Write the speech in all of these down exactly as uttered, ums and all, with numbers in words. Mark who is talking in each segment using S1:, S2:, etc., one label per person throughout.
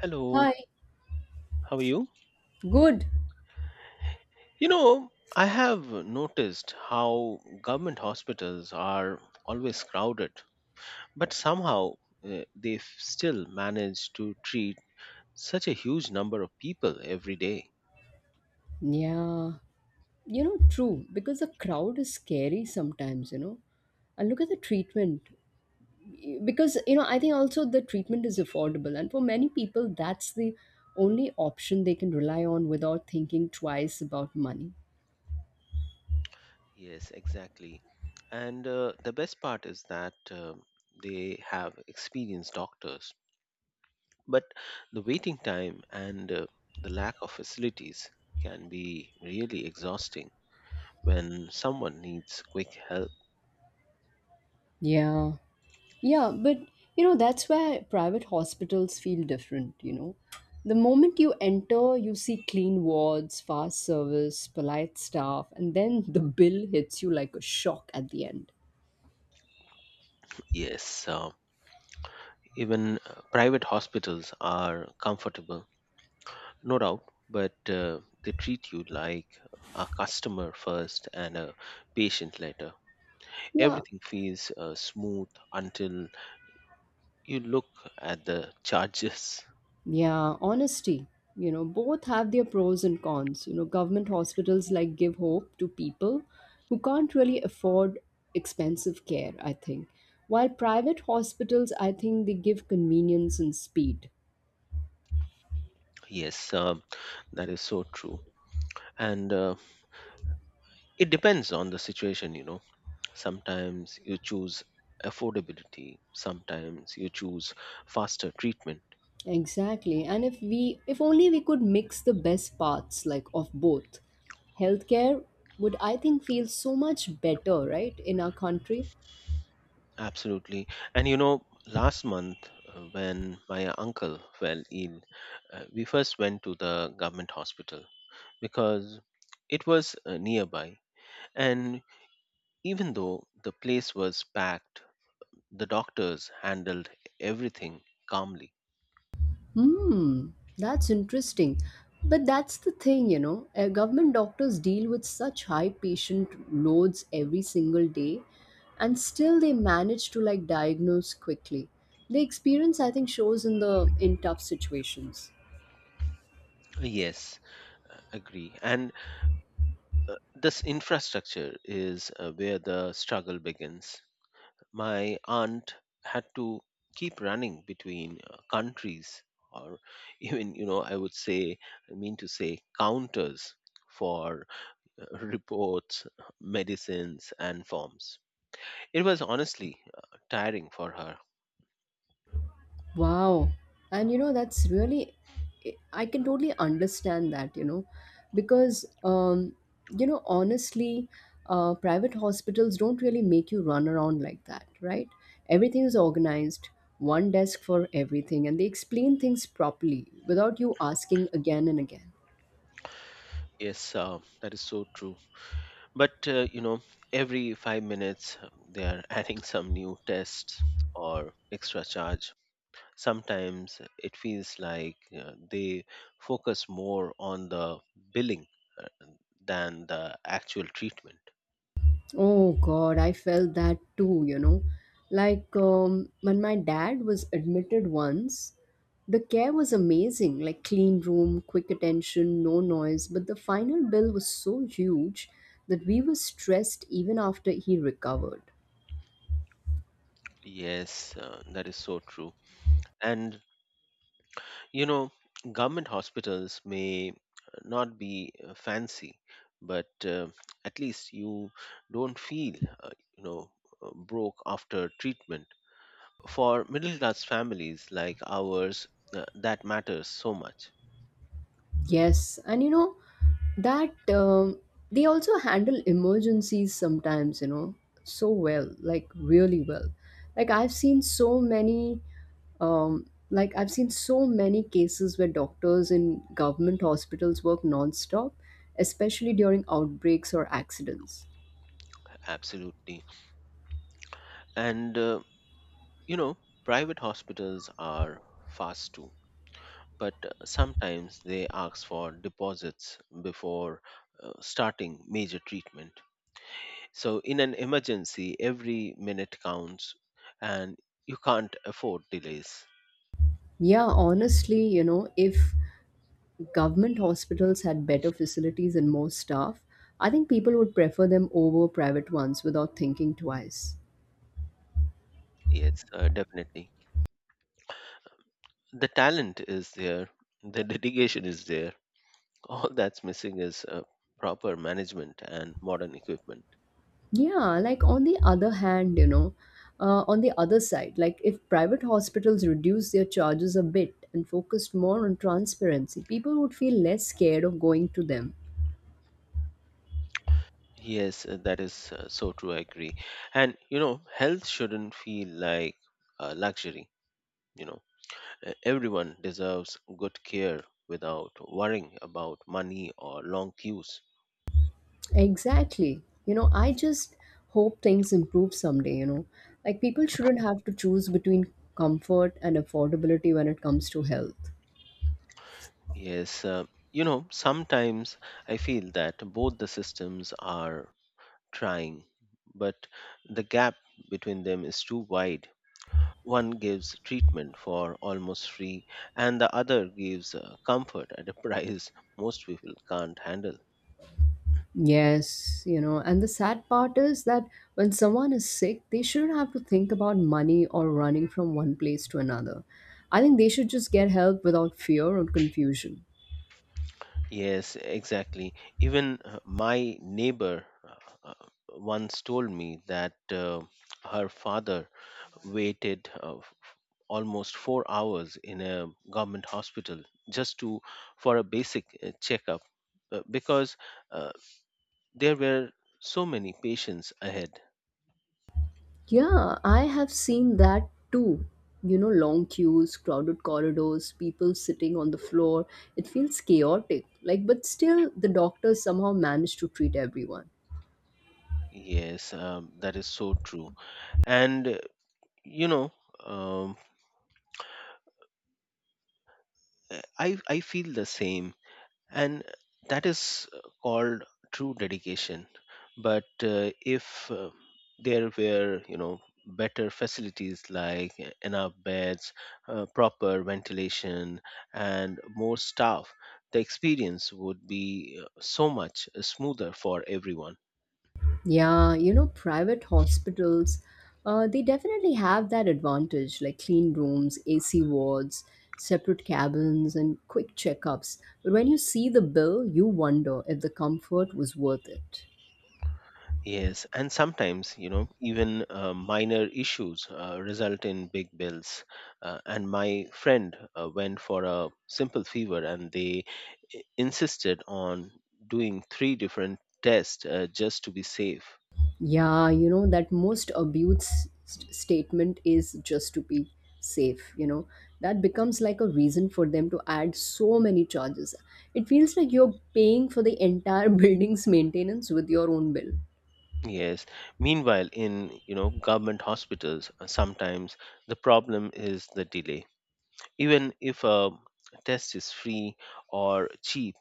S1: Hello,
S2: Hi.
S1: how are you?
S2: Good.
S1: You know, I have noticed how government hospitals are always crowded, but somehow uh, they f- still manage to treat such a huge number of people every day.
S2: Yeah. You know, true. Because the crowd is scary sometimes, you know. And look at the treatment. Because, you know, I think also the treatment is affordable. And for many people, that's the only option they can rely on without thinking twice about money.
S1: Yes, exactly. And uh, the best part is that uh, they have experienced doctors. But the waiting time and uh, the lack of facilities can be really exhausting when someone needs quick help.
S2: Yeah. Yeah, but you know, that's where private hospitals feel different, you know. The moment you enter, you see clean wards, fast service, polite staff, and then the bill hits you like a shock at the end.
S1: Yes, uh, even uh, private hospitals are comfortable, no doubt, but uh, they treat you like a customer first and a patient later.
S2: Yeah.
S1: Everything feels uh, smooth until you look at the charges.
S2: Yeah, honesty. You know, both have their pros and cons. You know, government hospitals like give hope to people who can't really afford expensive care, I think. While private hospitals, I think they give convenience and speed.
S1: Yes, um, that is so true. And uh, it depends on the situation, you know Sometimes you choose affordability, sometimes you choose faster treatment.
S2: Exactly. And if we if only we could mix the best parts like of both. Healthcare would, I think, feel so much better, right, in our country?
S1: Absolutely. And you know, last month uh, when my uncle fell ill, uh, we first went to the government hospital because it was uh, nearby. And even though the place was packed, the doctors handled everything calmly.
S2: Hmm, that's interesting. But that's the thing, you know. Uh, government doctors deal with such high patient loads every single day, and still they manage to like diagnose quickly. The experience, I think, shows in the in tough situations.
S1: Yes, uh, agree. And uh, this infrastructure is uh, where the struggle begins. My aunt had to keep running between uh, countries or even, you know, I would say, I mean to say, counters for uh, reports, medicines, and forms. It was honestly uh, tiring for her.
S2: Wow. And you know, that's really, I can totally understand that, you know, because, um, you know, honestly, uh, private hospitals don't really make you run around like that, right? Everything is organized, one desk for everything, and they explain things properly without you asking again and again.
S1: Yes, uh, that is so true. But, uh, you know, every five minutes um, they are adding some new tests or extra charge Sometimes it feels like uh, they focus more on the billing uh, than the actual treatment.
S2: Oh God, I felt that too, you know. Like um, when my dad was admitted once, the care was amazing, like clean room, quick attention, no noise. But the final bill was so huge that we were stressed even after he recovered.
S1: Yes, uh, that is so true. And you know, government hospitals may uh, not be uh, fancy, but uh, at least you don't feel, uh, you know, uh, broke after treatment. For middle class families like ours, uh, that matters so much.
S2: Yes, and you know that um, they also handle emergencies sometimes, you know, so well, like really well. Like I've seen so many Um, like I've seen so many cases where doctors in government hospitals work nonstop, especially during outbreaks or accidents.
S1: Absolutely. And uh, You know, private hospitals are fast too, but uh, sometimes they ask for deposits before uh, starting major treatment. So, in an emergency, every minute counts and you can't afford delays.
S2: Yeah, honestly, you know, if government hospitals had better facilities and more staff, I think people would prefer them over private ones without thinking twice.
S1: Yes, uh, definitely. The talent is there, the dedication is there. All that's missing is uh, proper management and modern equipment.
S2: Yeah, like on the other hand, you know, uh, on the other side, like if private hospitals reduce their charges a bit and focused more on transparency, people would feel less scared of going to them.
S1: Yes, uh, that is uh, so true. I agree. And you know, health shouldn't feel like a luxury. You know, Uh, everyone deserves good care without worrying about money or long queues.
S2: Exactly. You know, I just hope things improve someday, you know. Like people shouldn't have to choose between comfort and affordability when it comes to health.
S1: Yes, uh, you know, sometimes I feel that both the systems are trying, but the gap between them is too wide. One gives treatment for almost free, and the other gives uh, comfort at a price most people can't handle.
S2: Yes, you know, and the sad part is that when someone is sick, they shouldn't have to think about money or running from one place to another. I think they should just get help without fear or confusion.
S1: Yes, exactly. Even uh, my neighbor uh, uh, once told me that uh, her father waited uh, f- almost four hours in a government hospital just to for a basic uh, checkup uh, because uh, there were so many patients ahead.
S2: Yeah, I have seen that too. You know, long queues, crowded corridors, people sitting on the floor. It feels chaotic. Like, but still, the doctors somehow manage to treat everyone.
S1: Yes, um, that is so true. And uh, you know, um, uh, I I feel the same, and that is uh, called true dedication, but uh, if uh, there were you know better facilities like uh, enough beds, uh, proper ventilation, and more staff, the experience would be uh, so much smoother for everyone.
S2: Yeah, you know, private hospitals, uh, they definitely have that advantage, like clean rooms, A C wards, separate cabins, and quick checkups. But when you see the bill, you wonder if the comfort was worth it.
S1: Yes, and sometimes, you know, even uh, minor issues uh, result in big bills. Uh, and my friend uh, went for a simple fever, and they i- insisted on doing three different tests uh, just to be safe.
S2: Yeah, you know, that most abuse st- statement is just to be safe, you know. That becomes like a reason for them to add so many charges. It feels like you're paying for the entire building's maintenance with your own bill.
S1: Yes. Meanwhile, in, you know, government hospitals, uh, sometimes the problem is the delay. Even if a test is free or cheap,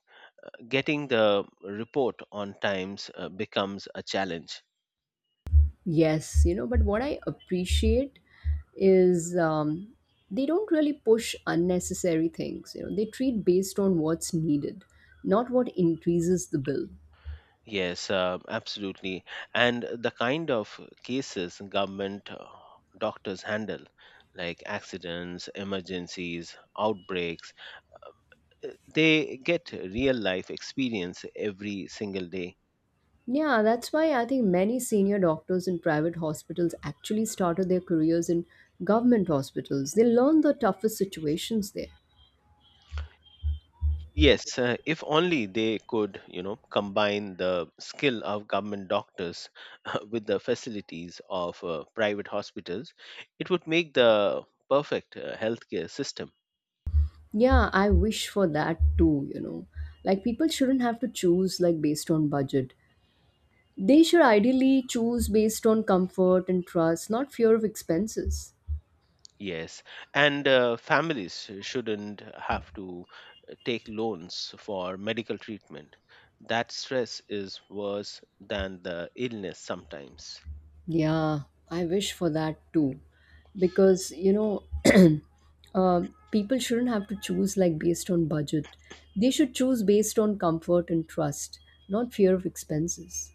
S1: getting the report on times uh, becomes a challenge.
S2: Yes, you know, but what I appreciate is, um, they don't really push unnecessary things. You know, they treat based on what's needed, not what increases the bill.
S1: Yes, uh, absolutely. And the kind of cases government uh, doctors handle, like accidents, emergencies, outbreaks, uh, they get real life experience every single day.
S2: Yeah, that's why I think many senior doctors in private hospitals actually started their careers in government hospitals. They learn the toughest situations there.
S1: Yes, uh, if only they could, you know, combine the skill of government doctors with the facilities of uh, private hospitals, it would make the perfect uh, healthcare system.
S2: Yeah, I wish for that too, you know. Like people shouldn't have to choose like based on budget. They should ideally choose based on comfort and trust, not fear of expenses.
S1: Yes, and uh, families shouldn't have to uh, take loans for medical treatment. That stress is worse than the illness sometimes.
S2: Yeah, I wish for that too. Because, you know, um people shouldn't have to choose like based on budget. They should choose based on comfort and trust, not fear of expenses.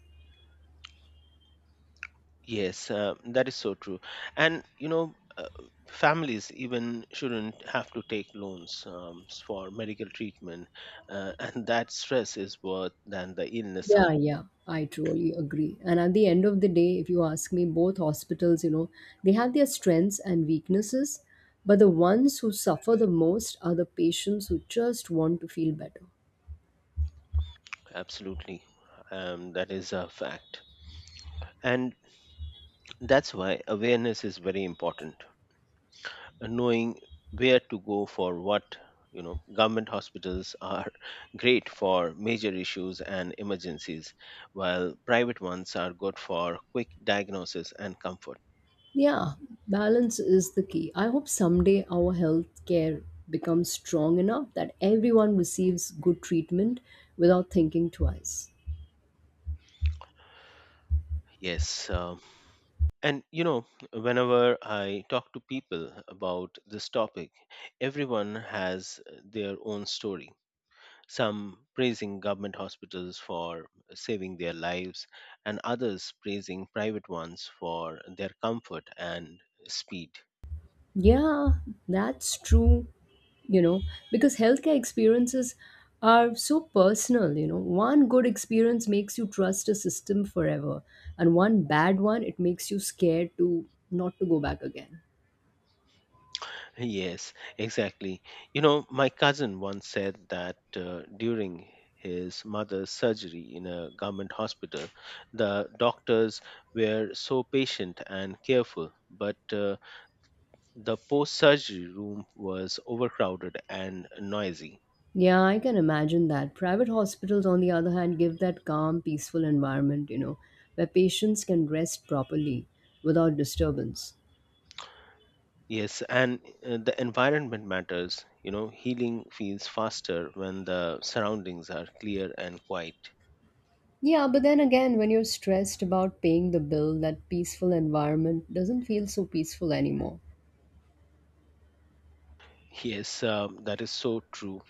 S1: Yes, uh, that is so true. And you know, uh, families even shouldn't have to take loans um, s- for medical treatment, uh, and that stress is worse than the illness. Some
S2: Yeah, yeah, I truly agree. And at the end of the day, if you ask me, both hospitals, you know, they have their strengths and weaknesses, but the ones who suffer the most are the patients who just want to feel better.
S1: absolutely, um, that is a fact, and that's why awareness is very important. Knowing where to go for what you know government hospitals are great for major issues and emergencies, while private ones are good for quick diagnosis and comfort.
S2: Yeah, balance is the key. I hope someday our healthcare becomes strong enough that everyone receives good treatment without thinking twice.
S1: Yes um, and you know whenever i talk to people about this topic, everyone has their own story, some praising government hospitals for saving their lives, and others praising private ones for their comfort and speed.
S2: Yeah, that's true, you know, because healthcare experiences are so personal, you know. One good experience makes you trust a system forever, and one bad one, it makes you scared to not to go back again.
S1: Yes, exactly. You know, my cousin once said that uh, during his mother's surgery in a government hospital, the doctors were so patient and careful, but uh, the post surgery room was overcrowded and noisy.
S2: Yeah, I can imagine that. Private hospitals, on the other hand, give that calm, peaceful environment, you know, where patients can rest properly without disturbance.
S1: Yes, and uh, the environment matters. You know, healing feels faster when the surroundings are clear and quiet.
S2: Yeah, but then again, when you're stressed about paying the bill, that peaceful environment doesn't feel so peaceful anymore.
S1: Yes, um, that is so true.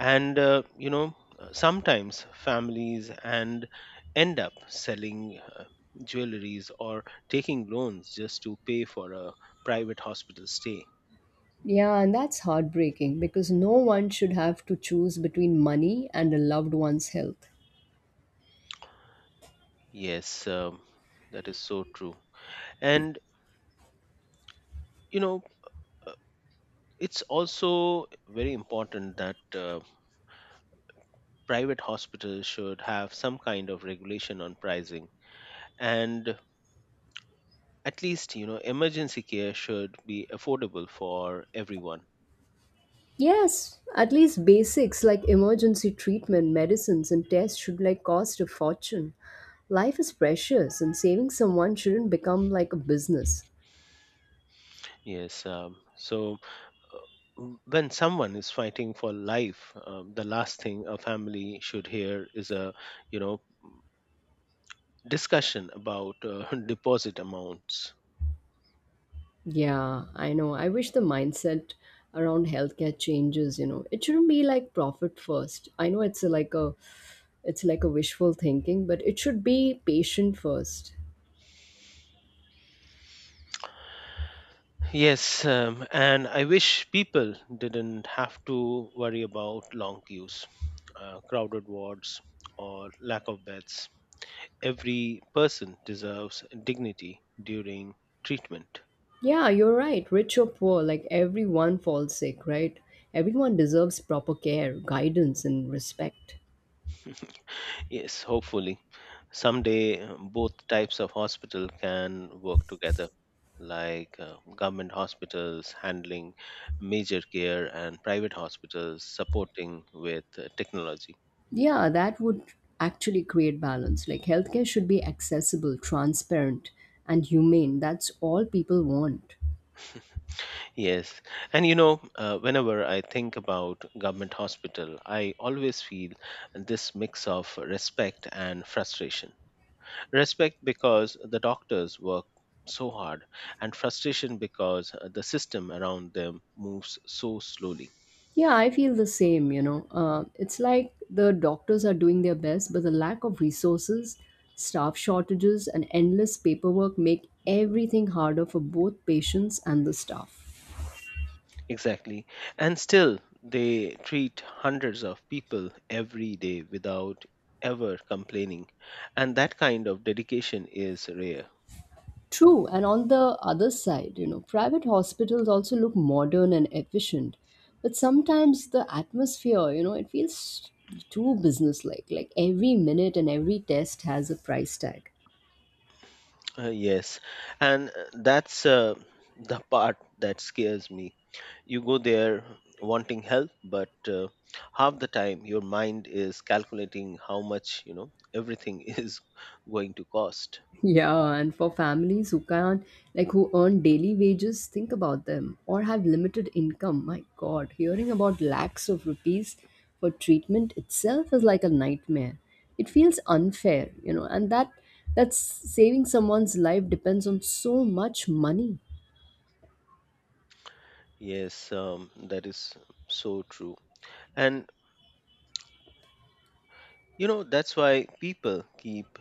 S1: And, uh, you know, uh, sometimes families and end up selling uh, jewelries or taking loans just to pay for a private hospital stay.
S2: Yeah, and that's heartbreaking because no one should have to choose between money and a loved one's health.
S1: Yes, um, that is so true. And, you know, uh, it's also very important that uh, private hospitals should have some kind of regulation on pricing, and at least you know emergency care should be affordable for everyone.
S2: Yes, at least basics like emergency treatment, medicines, and tests should like cost a fortune. Life is precious, and saving someone shouldn't become like a business.
S1: Yes um, so w- when someone is fighting for life, um, the last thing a family should hear is a you know discussion about uh, deposit amounts.
S2: Yeah, I know. I wish the mindset around healthcare changes. You know, it shouldn't be like profit first. I know it's a, like a, it's like a wishful thinking, but it should be patient first.
S1: Yes um, and i wish people didn't have to worry about long queues, uh, crowded wards, or lack of beds every person deserves dignity during treatment.
S2: Yeah, you're right. Rich or poor, like everyone falls sick, right? Everyone deserves proper care, guidance, and respect.
S1: Yes, hopefully. Someday, uh, both types of hospital can work together, like uh, government hospitals handling major care and private hospitals supporting with uh, technology.
S2: Yeah, that would actually create balance. Like healthcare should be accessible, transparent, and humane. That's all people want.
S1: Yes. And you know, uh, whenever I think about government hospital, I always feel this mix of respect and frustration Respect because the doctors work so hard, and frustration because the system around them moves so slowly.
S2: Yeah, I feel the same, you know. Uh, it's like the doctors are doing their best, but the lack of resources, staff shortages, and endless paperwork make everything harder for both patients and the staff.
S1: Exactly. And still, they treat hundreds of people every day without ever complaining. And that kind of dedication is rare.
S2: True, and on the other side, you know, private hospitals also look modern and efficient, but sometimes the atmosphere, you know, it feels too businesslike. Like every minute and every test has a price tag.
S1: Uh, yes, and uh, that's uh, the part that scares me. You go there wanting help, but uh, half the time your mind is calculating how much you know everything is going to cost.
S2: Yeah, and for families who can like who earn daily wages, think about them or have limited income. My God, hearing about lakhs of rupees for treatment itself is like a nightmare. It feels unfair, you know, and that that's saving someone's life depends on so much money.
S1: Yes, um, that is so true, and you know that's why people keep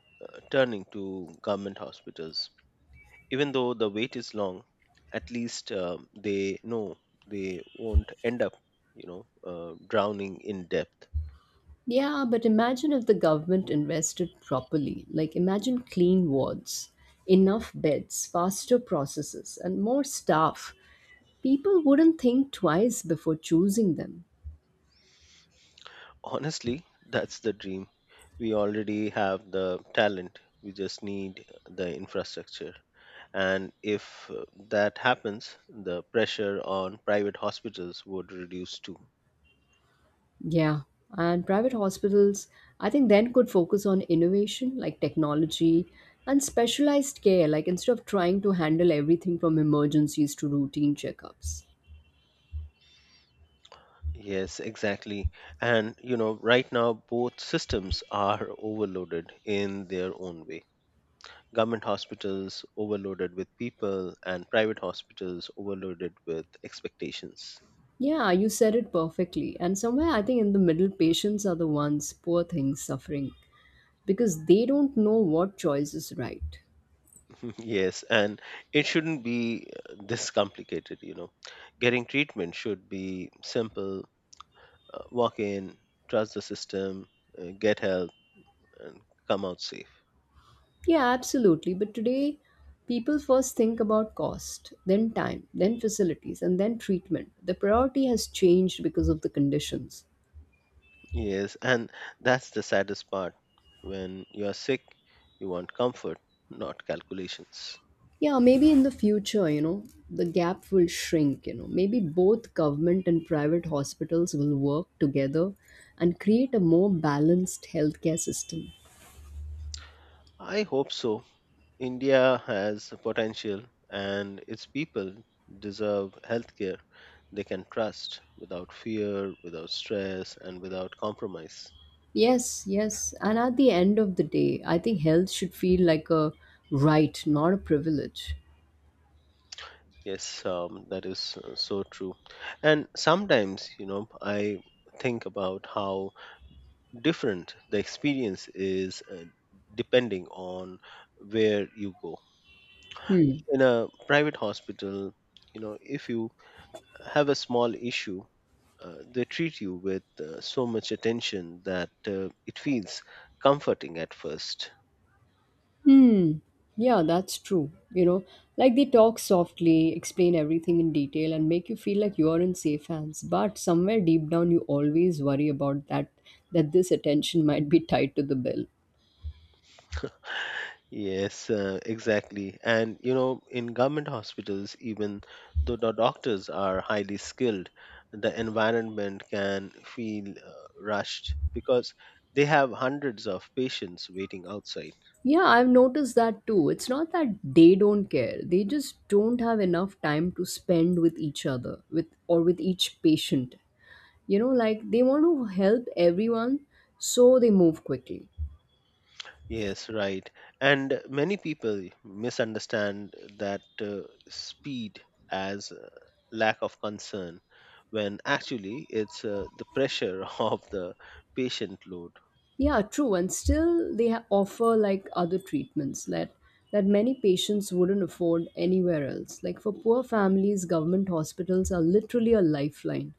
S1: uh, turning to government hospitals Even though the wait is long, at least uh, they know they won't end up, you know, uh, drowning in depth.
S2: Yeah, but imagine if the government invested properly. Like, imagine clean wards, enough beds, faster processes, and more staff. People wouldn't think twice before choosing them.
S1: Honestly, that's the dream. We already have the talent. We just need the infrastructure. And if uh, that happens, the pressure on private hospitals would reduce too.
S2: Yeah, and private hospitals, I think, then could focus on innovation like technology and specialized care, like instead of trying to handle everything from emergencies to routine checkups.
S1: Yes, exactly. And, you know, right now both systems are overloaded in their own way. Government hospitals overloaded with people, and private hospitals overloaded with expectations.
S2: Yeah, you said it perfectly. And somewhere, I think, in the middle, patients are the ones, poor things, suffering because they don't know what choice is right.
S1: Yes, and it shouldn't be uh, this complicated, you know. Getting treatment should be simple: uh, walk in, trust the system, uh, get help, and come out safe.
S2: Yeah, absolutely. But today, people first think about cost, then time, then facilities, and then treatment. The priority has changed because of the conditions.
S1: Yes, and that's the saddest part. When you're sick, you want comfort, not calculations.
S2: Yeah, maybe in the future, you know, the gap will shrink, you know. Maybe both government and private hospitals will work together and create a more balanced healthcare system.
S1: I hope so India has potential, and its people deserve healthcare they can trust without fear, without stress, and without compromise.
S2: Yes, yes. And at the end of the day, I think health should feel like a right, not a privilege.
S1: Yes, um, that is uh, so true. And sometimes, you know, I think about how different the experience is uh, depending on where you go. In a private hospital, you know, if you have a small issue, uh, they treat you with uh, so much attention that uh, it feels comforting at first.
S2: Yeah, that's true. You know, like they talk softly, explain everything in detail, and make you feel like you are in safe hands. But somewhere deep down, you always worry about that, that this attention might be tied to the bill.
S1: Yes, uh, exactly. And you know, in government hospitals, even though the doctors are highly skilled, the environment can feel uh, rushed because they have hundreds of patients waiting outside.
S2: Yeah, I've noticed that too. It's not that they don't care. They just don't have enough time to spend with each other, with or with each patient. You know, like they want to help everyone, so they move quickly.
S1: Yes, right. And many people misunderstand that uh, speed as uh, lack of concern when actually it's uh, the pressure of the patient load.
S2: Yeah, true. And still, they ha- offer like other treatments that that many patients wouldn't afford anywhere else. Like for poor families, government hospitals are literally a lifeline.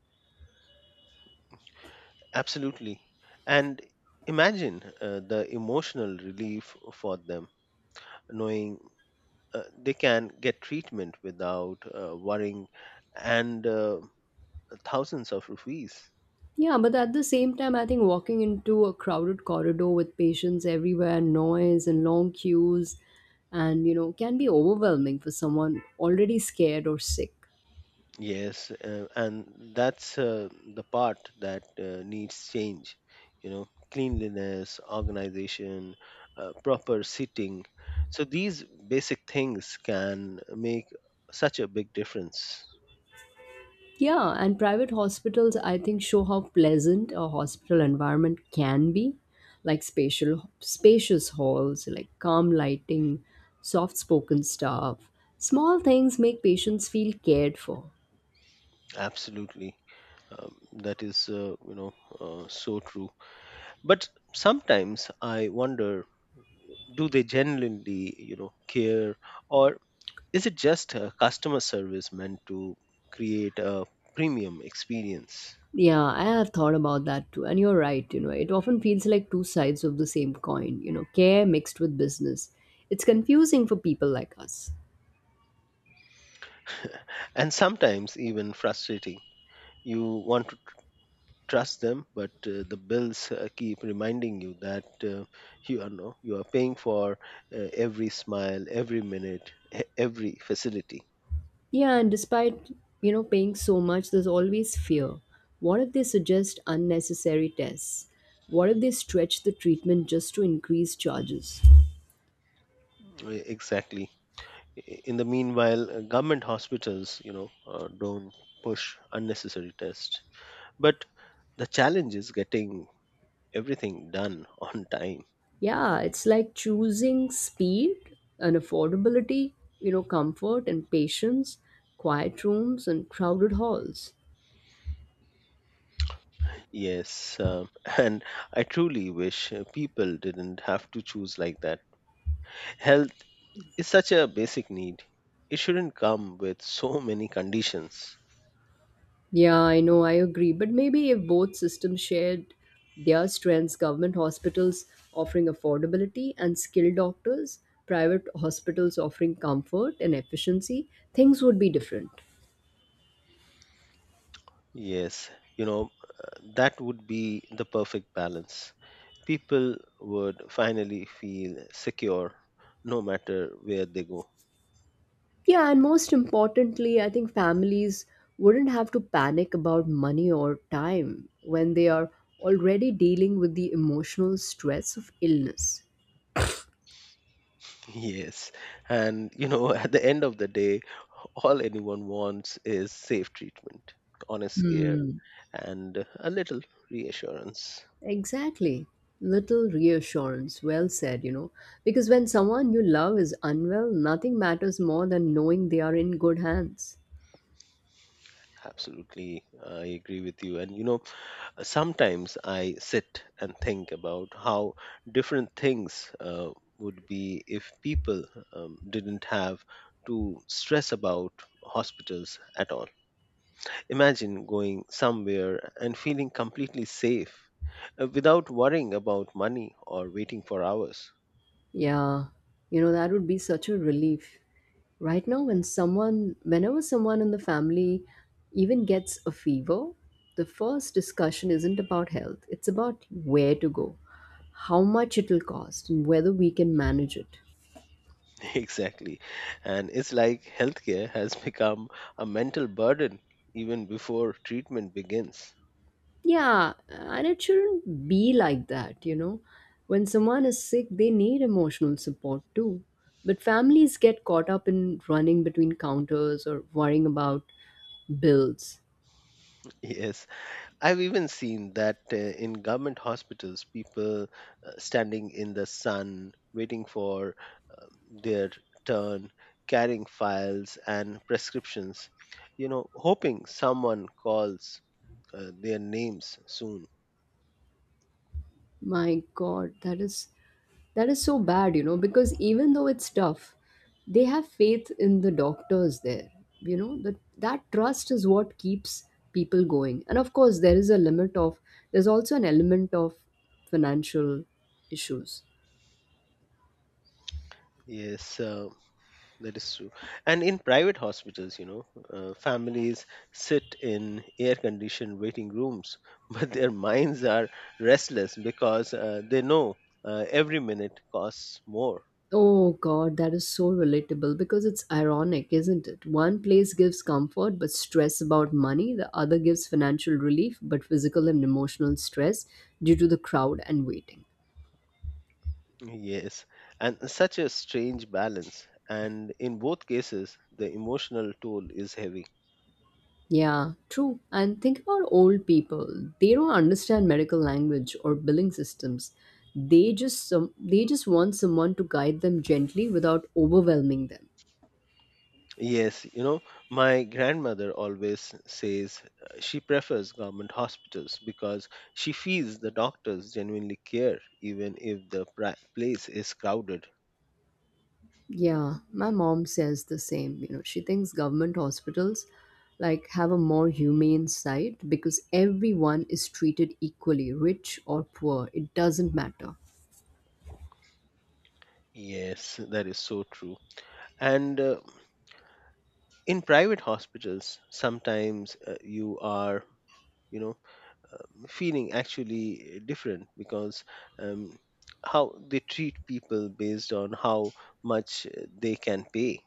S1: Absolutely. And imagine uh, the emotional relief for them knowing uh, they can get treatment without uh, worrying and uh, thousands of rupees.
S2: Yeah, but at the same time, I think walking into a crowded corridor with patients everywhere, noise and long queues, and you know, can be overwhelming for someone already scared or sick.
S1: Yes, uh, and that's uh, the part that uh, needs change. You know, cleanliness, organization, uh, proper seating. So these basic things can make such a big difference.
S2: Yeah, and private hospitals, I think, show how pleasant a hospital environment can be, like spatial, spacious halls, like calm lighting, soft-spoken staff. Small things make patients feel cared for.
S1: Absolutely, um, that is uh, you know uh, so true. But sometimes I wonder, do they genuinely you know care, or is it just uh, customer service meant to create a premium experience?
S2: Yeah, I have thought about that too, and you're right. You know, it often feels like two sides of the same coin. You know, care mixed with business. It's confusing for people like us.
S1: And sometimes even frustrating. You want to trust them, but uh, the bills uh, keep reminding you that uh, you are no, you are paying for uh, every smile, every minute, e- every facility.
S2: Yeah, and despite, you know, paying so much, there's always fear. What if they suggest unnecessary tests? What if they stretch the treatment just to increase charges?
S1: E- Exactly. I- In the meanwhile, uh, government hospitals, you know, uh, don't push unnecessary tests. But the challenge is getting everything done on time.
S2: Yeah, it's like choosing speed and affordability, you know, comfort and patience, quiet rooms and crowded halls.
S1: Yes, uh, and I truly wish uh, people didn't have to choose like that Health is such a basic need. It shouldn't come with so many conditions.
S2: Yeah, I know, I agree. But maybe if both systems shared their strengths, government hospitals offering affordability and skilled doctors, private hospitals offering comfort and efficiency, things would be different.
S1: Yes, you know, uh, that would be the perfect balance. People would finally feel secure no matter where they go.
S2: Yeah, and most importantly, I think families wouldn't have to panic about money or time when they are already dealing with the emotional stress of illness.
S1: Yes, and you know, at the end of the day, all anyone wants is safe treatment, honest care,
S2: Hmm.
S1: and a little reassurance.
S2: Exactly. Little reassurance. Well said, you know. Because when someone you love is unwell, nothing matters more than knowing they are in good hands.
S1: Absolutely, I agree with you. And you know, Sometimes I sit and think about how different things uh, would be if people um, didn't have to stress about hospitals at all. Imagine going somewhere and feeling completely safe uh, without worrying about money or waiting for hours.
S2: Yeah, you know, that would be such a relief. Right now, when someone, whenever someone in the family even gets a fever, the first discussion isn't about health, it's about where to go, how much it'll cost, and whether we can manage it.
S1: Exactly. And it's like healthcare has become a mental burden even before treatment begins.
S2: Yeah, and it shouldn't be like that, you know. When someone is sick, they need emotional support too. But families get caught up in running between counters or worrying about bills.
S1: Yes, I've even seen that uh, in government hospitals, people uh, standing in the sun, waiting for uh, their turn, carrying files and prescriptions, you know, hoping someone calls uh, their names soon.
S2: My god, that is that is so bad, you know, because even though it's tough, they have faith in the doctors there. You know, that that trust is what keeps people going. And of course, there is a limit of there's also an element of financial issues.
S1: Yes, uh, that is true. And in private hospitals, you know, uh, families sit in air conditioned waiting rooms, but their minds are restless because uh, they know uh, every minute costs more.
S2: Oh God, that is so relatable because it's ironic, isn't it? One place gives comfort but stress about money, the other gives financial relief but physical and emotional stress due to the crowd and waiting.
S1: Yes, and such a strange balance. And in both cases, the emotional toll is heavy.
S2: Yeah, true. And think about old people. They don't understand medical language or billing systems. They just some, they just want someone to guide them gently without overwhelming them.
S1: Yes, you know, my grandmother always says uh, she prefers government hospitals because she feels the doctors genuinely care, even if the pri- place is crowded.
S2: Yeah, my mom says the same. You know, she thinks government hospitals like have a more humane side because everyone is treated equally, rich or poor. It doesn't matter.
S1: Yes, that is so true. And uh, in private hospitals, sometimes uh, you are, you know, feeling actually eh, different because um, how they treat people based on how much eh, they can pay.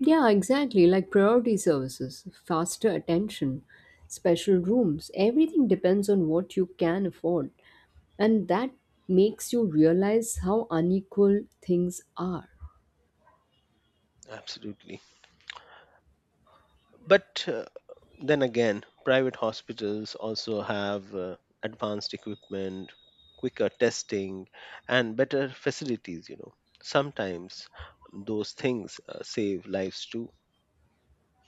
S2: Yeah, exactly. Like priority services, faster attention, special rooms. Everything depends on what you can afford. And that makes you realize how unequal things are.
S1: Absolutely. But uh, then again, private hospitals also have uh, advanced equipment, quicker testing, and better facilities, you know. Sometimes those things uh, save lives too.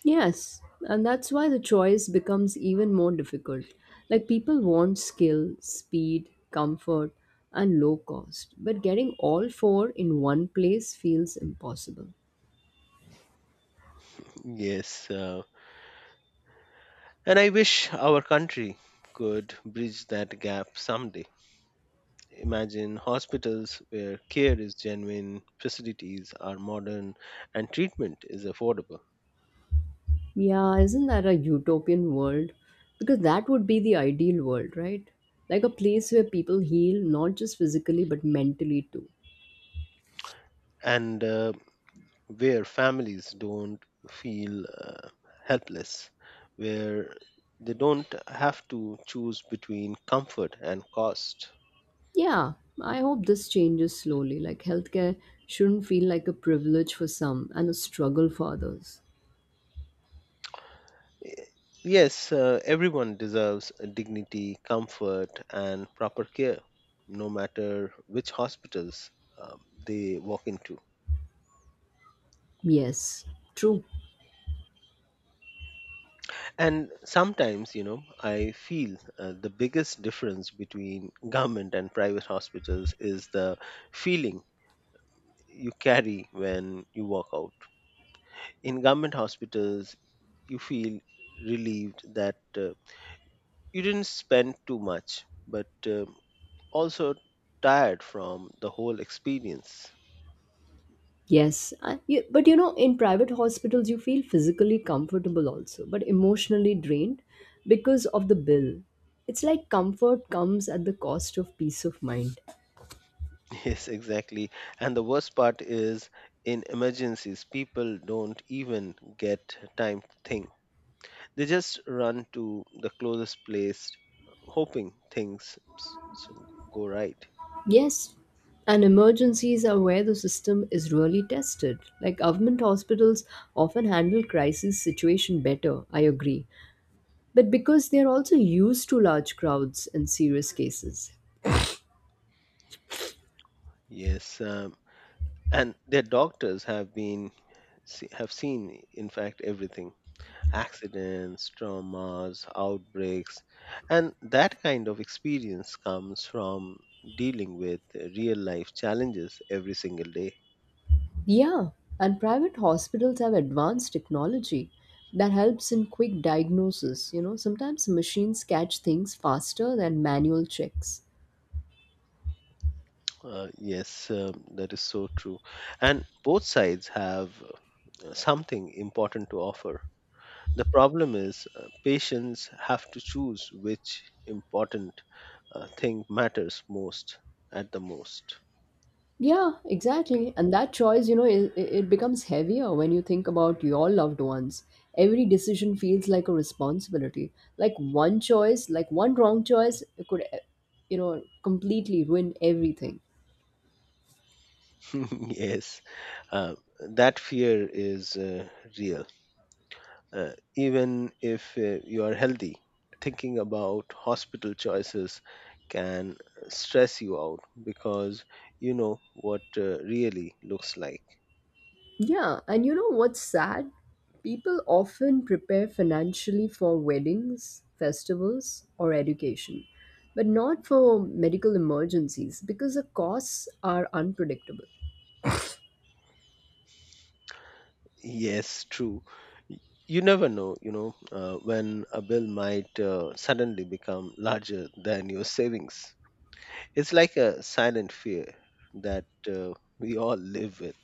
S2: Yes, and that's why the choice becomes even more difficult. Like people want skill, speed, comfort, and low cost, but getting all four in one place feels impossible.
S1: Yes, uh, and I wish our country could bridge that gap someday. Imagine hospitals where care is genuine, facilities are modern, and treatment is affordable,
S2: Yeah, isn't that a utopian world? Because that would be the ideal world, right? Like a place where people heal not just physically but mentally too.
S1: and uh, where families don't feel uh, helpless, where they don't have to choose between comfort and cost.
S2: Yeah, I hope this changes slowly. Like healthcare shouldn't feel like a privilege for some and a struggle for others.
S1: Yes, uh, everyone deserves dignity, comfort, and proper care, no matter which hospitals um, they walk into.
S2: Yes, true.
S1: And sometimes, you know, I feel uh, the biggest difference between government and private hospitals is the feeling you carry when you walk out. In government hospitals, you feel relieved that uh, you didn't spend too much, but uh, also tired from the whole experience.
S2: Yes, I- you, but you know, in private hospitals, you feel physically comfortable also, but emotionally drained because of the bill. It's like comfort comes at the cost of peace of mind.
S1: Yes, exactly. And the worst part is in emergencies, people don't even get time to think. They just run to the closest place, hoping things s- so go right.
S2: Yes, and emergencies are where the system is really tested. Like government hospitals often handle crisis situation better, I agree, but because they're also used to large crowds and serious cases.
S1: Yes, um, and their doctors have been se- have seen, in fact, everything. Accidents, traumas, outbreaks, and that kind of experience comes from dealing with real life challenges every single day.
S2: Yeah, and private hospitals have advanced technology that helps in quick diagnosis. You know, sometimes machines catch things faster than manual checks.
S1: Uh, yes, um, that is so true. And both sides have uh, something important to offer. The problem is uh, patients have to choose which important uh, thing matters most at the most.
S2: Yeah, exactly. And that choice, you know, it, it becomes heavier when you think about your loved ones. Every decision feels like a responsibility. Like one choice, like one wrong choice, it could, eh, you know, completely ruin everything.
S1: yes, uh, that fear is uh, real. Uh, even if uh, you are healthy thinking about hospital choices can stress you out because you know what uh, really looks like.
S2: Yeah, and you know what's sad? People often prepare financially for weddings, festivals, or education, but not for medical emergencies because the costs are unpredictable.
S1: Yes, true. Y- you never know, you know, uh, when a bill might uh, suddenly become larger than your savings. It's like a silent fear that uh, we all live with.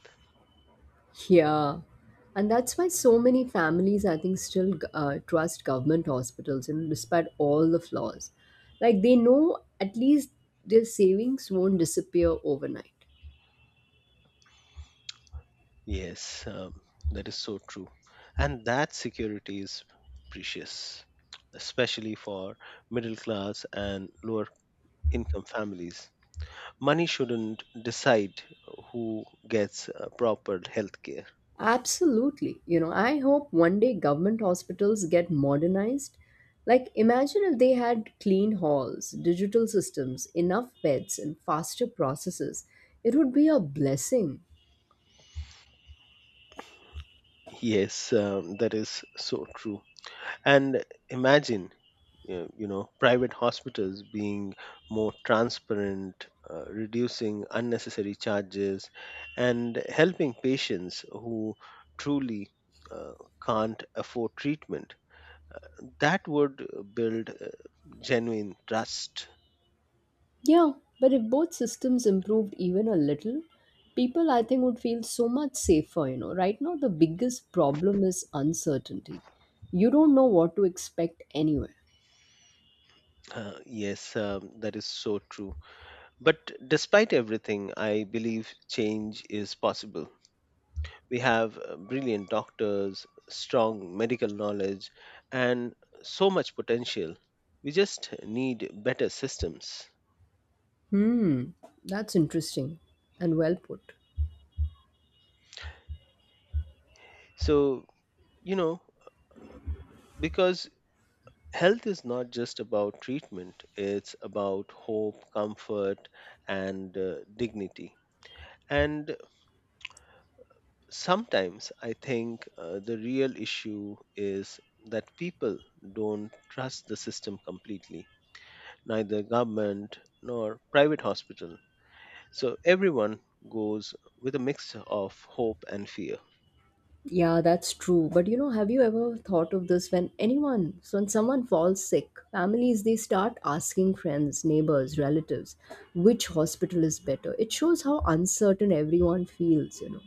S2: Yeah, and that's why so many families, I think, still uh, trust government hospitals, and despite all the flaws, like they know at least their savings won't disappear overnight.
S1: Yes, um, that is so true. And that security is precious, especially for middle class and lower income families. Money shouldn't decide who gets uh, proper health care.
S2: Absolutely. You know, I hope one day government hospitals get modernized. Like, imagine if they had clean halls, digital systems, enough beds, and faster processes. It would be a blessing.
S1: Yes, um, that is so true. And imagine uh, you know private hospitals being more transparent uh, reducing unnecessary charges and helping patients who truly uh, can't afford treatment. That would uh, build uh, genuine trust.
S2: Yeah, but if both systems improved even a little, people I think would feel so much safer. You know, right now the biggest problem is uncertainty. You don't know what to expect anywhere.
S1: Uh, yes um, that is so true. But despite everything I believe change is possible. We have uh, brilliant doctors, strong medical knowledge, and so much potential. We just need better systems.
S2: Hmm, that's interesting and well put.
S1: So, you know, because health is not just about treatment, it's about hope, comfort, and uh, dignity. And sometimes I think uh, the real issue is that people don't trust the system completely. Neither government nor private hospital. So everyone goes with a mix of hope and fear.
S2: Yeah, that's true. But you know, have you ever thought of this when anyone, so when someone falls sick, families they start asking friends, neighbors, relatives, which hospital is better. It shows how uncertain everyone feels, you know.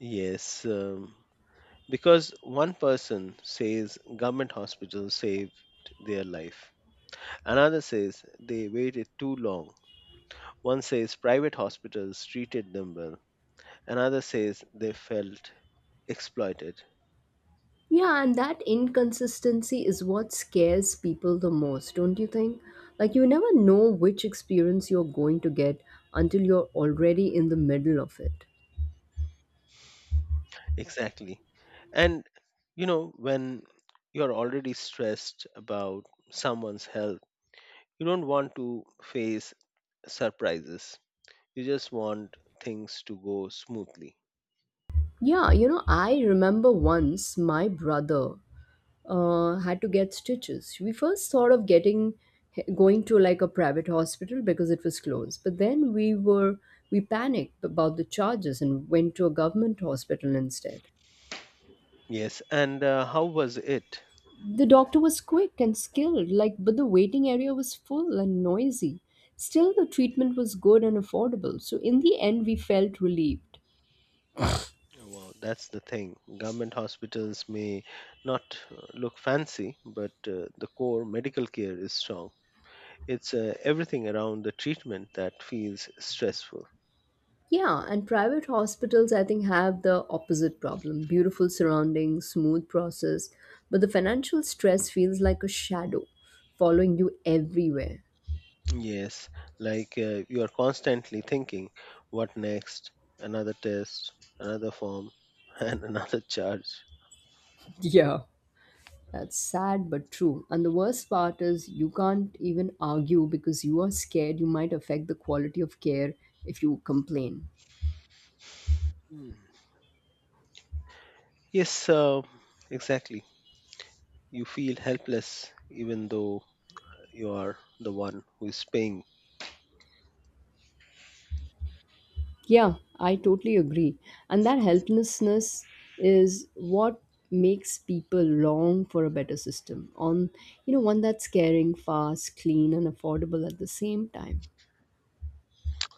S1: Yes, um, because one person says government hospitals saved their life, another says they waited too long, one says private hospitals treated them well, another says they felt exploited.
S2: Yeah, and that inconsistency is what scares people the most, don't you think? Like you never know which experience you're going to get until you're already in the middle of it.
S1: Exactly. And, you know, when you're already stressed about someone's health, you don't want to face surprises. You just want things to go smoothly.
S2: Yeah, you know, I remember once my brother uh, had to get stitches. We first thought of getting going to like a private hospital because it was closed, but then we were we panicked about the charges and went to a government hospital instead.
S1: Yes, and uh, how was it?
S2: The doctor was quick and skilled, like but the waiting area was full and noisy. Still, the treatment was good and affordable, so in the end, we felt relieved.
S1: Well, that's the thing. Government hospitals may not uh, look fancy, but uh, the core medical care is strong. It's uh, Everything around the treatment that feels stressful.
S2: Yeah, and private hospitals, I think, have the opposite problem beautiful surroundings, smooth process, but the financial stress feels like a shadow following you everywhere.
S1: Yes, like uh, you are constantly thinking, what next? Another test, another form, and another charge.
S2: Yeah. That's sad but true. And the worst part is you can't even argue because you are scared you might affect the quality of care if you complain.
S1: Hmm. Yes, uh, exactly. You feel helpless even though you are the one who is paying.
S2: Yeah, I totally agree. And that helplessness is what makes people long for a better system on, you know, one that's caring, fast, clean, and affordable at the same time.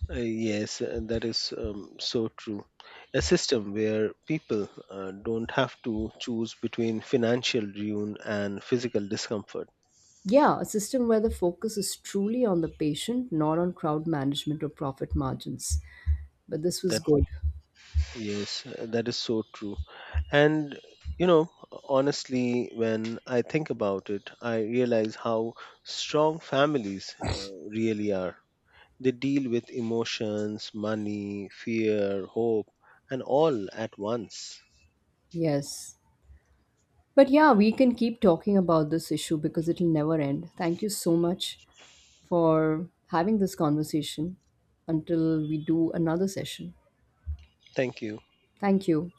S1: Uh, yes, uh, that is um, so true. A system where people uh, don't have to choose between financial ruin and physical discomfort.
S2: Yeah, a system where the focus is truly on the patient, not on crowd management or profit margins. But this was
S1: That
S2: good.
S1: yes, uh, that is so true. And you know, honestly, when I think about it, I realize how strong families uh, really are. They deal with emotions, money, fear, hope, and all at once.
S2: Yes, but yeah, we can keep talking about this issue because it'll never end. Thank you so much for having this conversation until we do another session.
S1: Thank you.
S2: Thank you.